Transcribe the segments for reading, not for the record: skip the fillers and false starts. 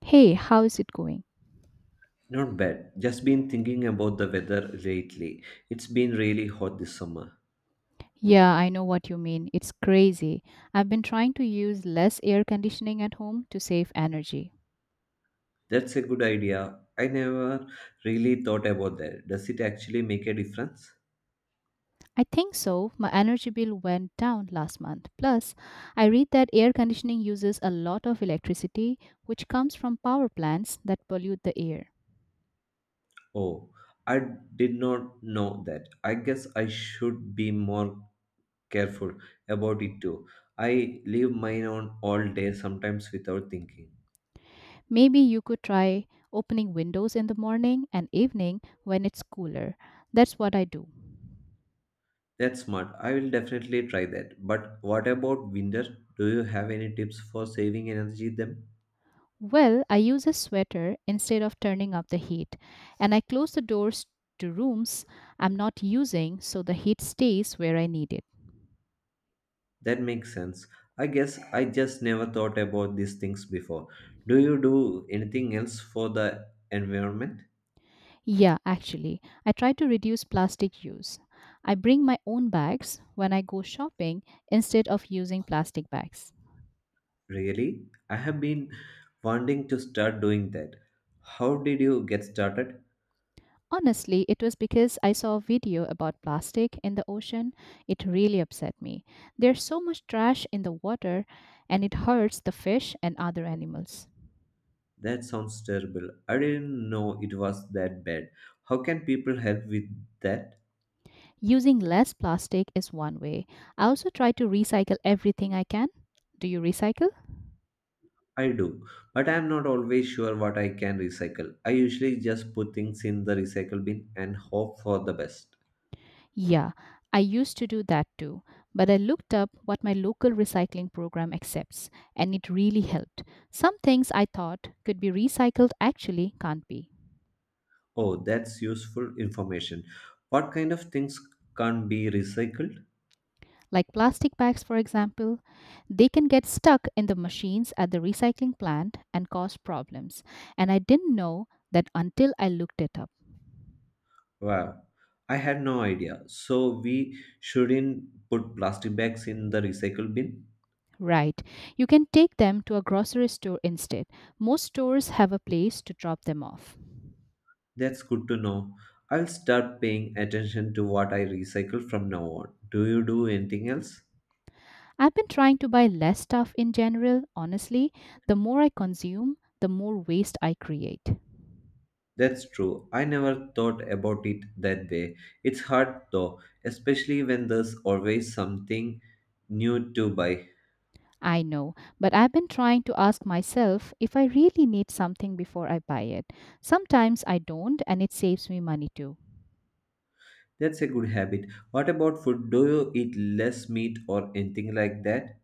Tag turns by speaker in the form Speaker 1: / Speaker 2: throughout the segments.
Speaker 1: Hey, how is it going?
Speaker 2: Not bad. Just been thinking about the weather lately. It's been really hot this summer.
Speaker 1: Yeah, I know what you mean. It's crazy. I've been trying to use less air conditioning at home to save energy.
Speaker 2: That's a good idea. I never really thought about that. Does it actually make a difference?
Speaker 1: I think so. My energy bill went down last month. Plus, I read that air conditioning uses a lot of electricity, which comes from power plants that pollute the air.
Speaker 2: Oh, I did not know that. I guess I should be more careful about it too. I leave mine on all day sometimes without thinking.
Speaker 1: Maybe you could try opening windows in the morning and evening when it's cooler. That's what I do.
Speaker 2: That's smart. I will definitely try that. But what about winter? Do you have any tips for saving energy then?
Speaker 1: Well, I use a sweater instead of turning up the heat, and I close the doors to rooms I'm not using so the heat stays where I need it.
Speaker 2: That makes sense. I guess I just never thought about these things before. Do you do anything else for the environment?
Speaker 1: Yeah, actually, I try to reduce plastic use. I bring my own bags when I go shopping instead of using plastic bags.
Speaker 2: Really? I have been wanting to start doing that. How did you get started?
Speaker 1: Honestly, it was because I saw a video about plastic in the ocean. It really upset me. There's so much trash in the water and it hurts the fish and other animals.
Speaker 2: That sounds terrible. I didn't know it was that bad. How can people help with that?
Speaker 1: Using less plastic is one way. I also try to recycle everything I can. Do you recycle?
Speaker 2: I do, but I am not always sure what I can recycle. I usually just put things in the recycle bin and hope for the best.
Speaker 1: Yeah, I used to do that too, but I looked up what my local recycling program accepts, and it really helped. Some things I thought could be recycled actually can't be.
Speaker 2: Oh, that's useful information. What kind of things can be recycled?
Speaker 1: Like plastic bags, for example, they can get stuck in the machines at the recycling plant and cause problems. And I didn't know that until I looked it up.
Speaker 2: Wow, I had no idea. So we shouldn't put plastic bags in the recycle bin?
Speaker 1: Right. You can take them to a grocery store instead. Most stores have a place to drop them off.
Speaker 2: That's good to know. I'll start paying attention to what I recycle from now on. Do you do anything else?
Speaker 1: I've been trying to buy less stuff in general, honestly. The more I consume, the more waste I create.
Speaker 2: That's true. I never thought about it that way. It's hard though, especially when there's always something new to buy.
Speaker 1: I know, but I've been trying to ask myself if I really need something before I buy it. Sometimes I don't, and it saves me money too.
Speaker 2: That's a good habit. What about food? Do you eat less meat or anything like that?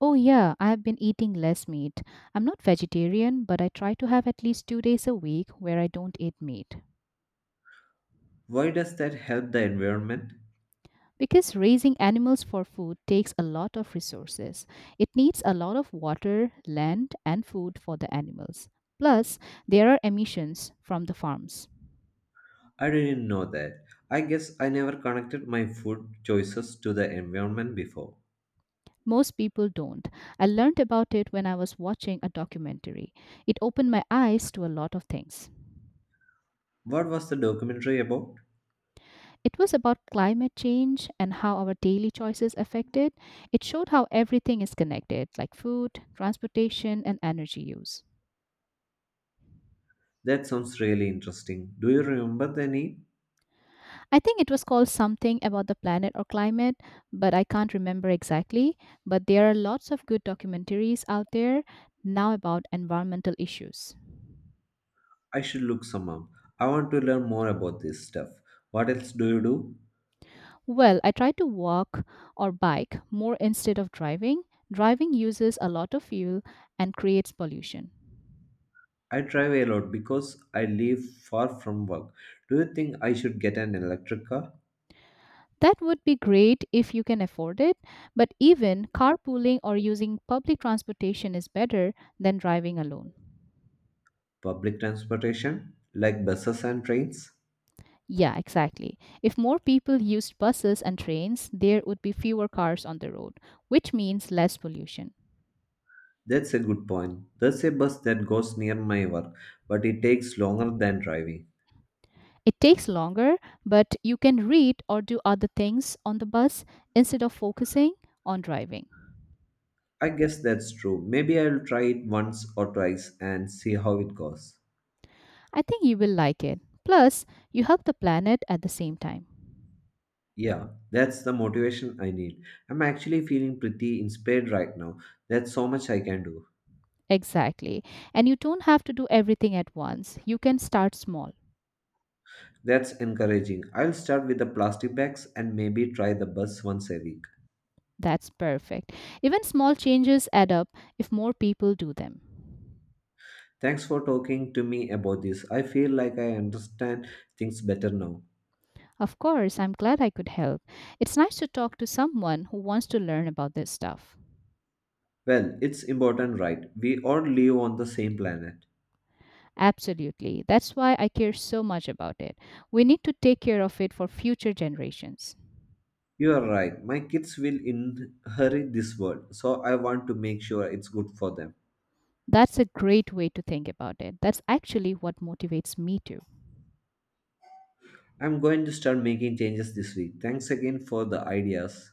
Speaker 1: Oh, yeah, I've been eating less meat. I'm not vegetarian, but I try to have at least 2 days a week where I don't eat meat.
Speaker 2: Why does that help the environment?
Speaker 1: Because raising animals for food takes a lot of resources. It needs a lot of water, land, and food for the animals. Plus, there are emissions from the farms.
Speaker 2: I didn't know that. I guess I never connected my food choices to the environment before.
Speaker 1: Most people don't. I learned about it when I was watching a documentary. It opened my eyes to a lot of things.
Speaker 2: What was the documentary about?
Speaker 1: It was about climate change and how our daily choices affect it. It showed how everything is connected, like food, transportation, and energy use.
Speaker 2: That sounds really interesting. Do you remember the name?
Speaker 1: I think it was called something about the planet or climate, but I can't remember exactly. But there are lots of good documentaries out there now about environmental issues.
Speaker 2: I should look some up. I want to learn more about this stuff. What else do you do?
Speaker 1: Well, I try to walk or bike more instead of driving. Driving uses a lot of fuel and creates pollution.
Speaker 2: I drive a lot because I live far from work. Do you think I should get an electric car?
Speaker 1: That would be great if you can afford it, but even carpooling or using public transportation is better than driving alone.
Speaker 2: Public transportation, like buses and trains?
Speaker 1: Yeah, exactly. If more people used buses and trains, there would be fewer cars on the road, which means less pollution.
Speaker 2: That's a good point. There's a bus that goes near my work, but it takes longer than driving.
Speaker 1: It takes longer, but you can read or do other things on the bus instead of focusing on driving.
Speaker 2: I guess that's true. Maybe I'll try it once or twice and see how it goes.
Speaker 1: I think you will like it. Plus, you help the planet at the same time.
Speaker 2: Yeah, that's the motivation I need. I'm actually feeling pretty inspired right now. There's so much I can do.
Speaker 1: Exactly. And you don't have to do everything at once. You can start small.
Speaker 2: That's encouraging. I'll start with the plastic bags and maybe try the bus once a week.
Speaker 1: That's perfect. Even small changes add up if more people do them.
Speaker 2: Thanks for talking to me about this. I feel like I understand things better now.
Speaker 1: Of course, I'm glad I could help. It's nice to talk to someone who wants to learn about this stuff.
Speaker 2: Well, it's important, right? We all live on the same planet.
Speaker 1: Absolutely. That's why I care so much about it. We need to take care of it for future generations.
Speaker 2: You are right. My kids will inherit this world, so I want to make sure it's good for them.
Speaker 1: That's a great way to think about it. That's actually what motivates me too.
Speaker 2: I'm going to start making changes this week. Thanks again for the ideas.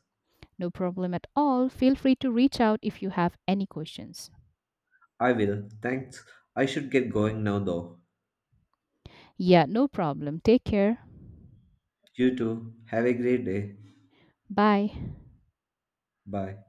Speaker 1: No problem at all. Feel free to reach out if you have any questions.
Speaker 2: I will. Thanks. I should get going now, though.
Speaker 1: Yeah, no problem. Take care.
Speaker 2: You too. Have a great day.
Speaker 1: Bye.
Speaker 2: Bye.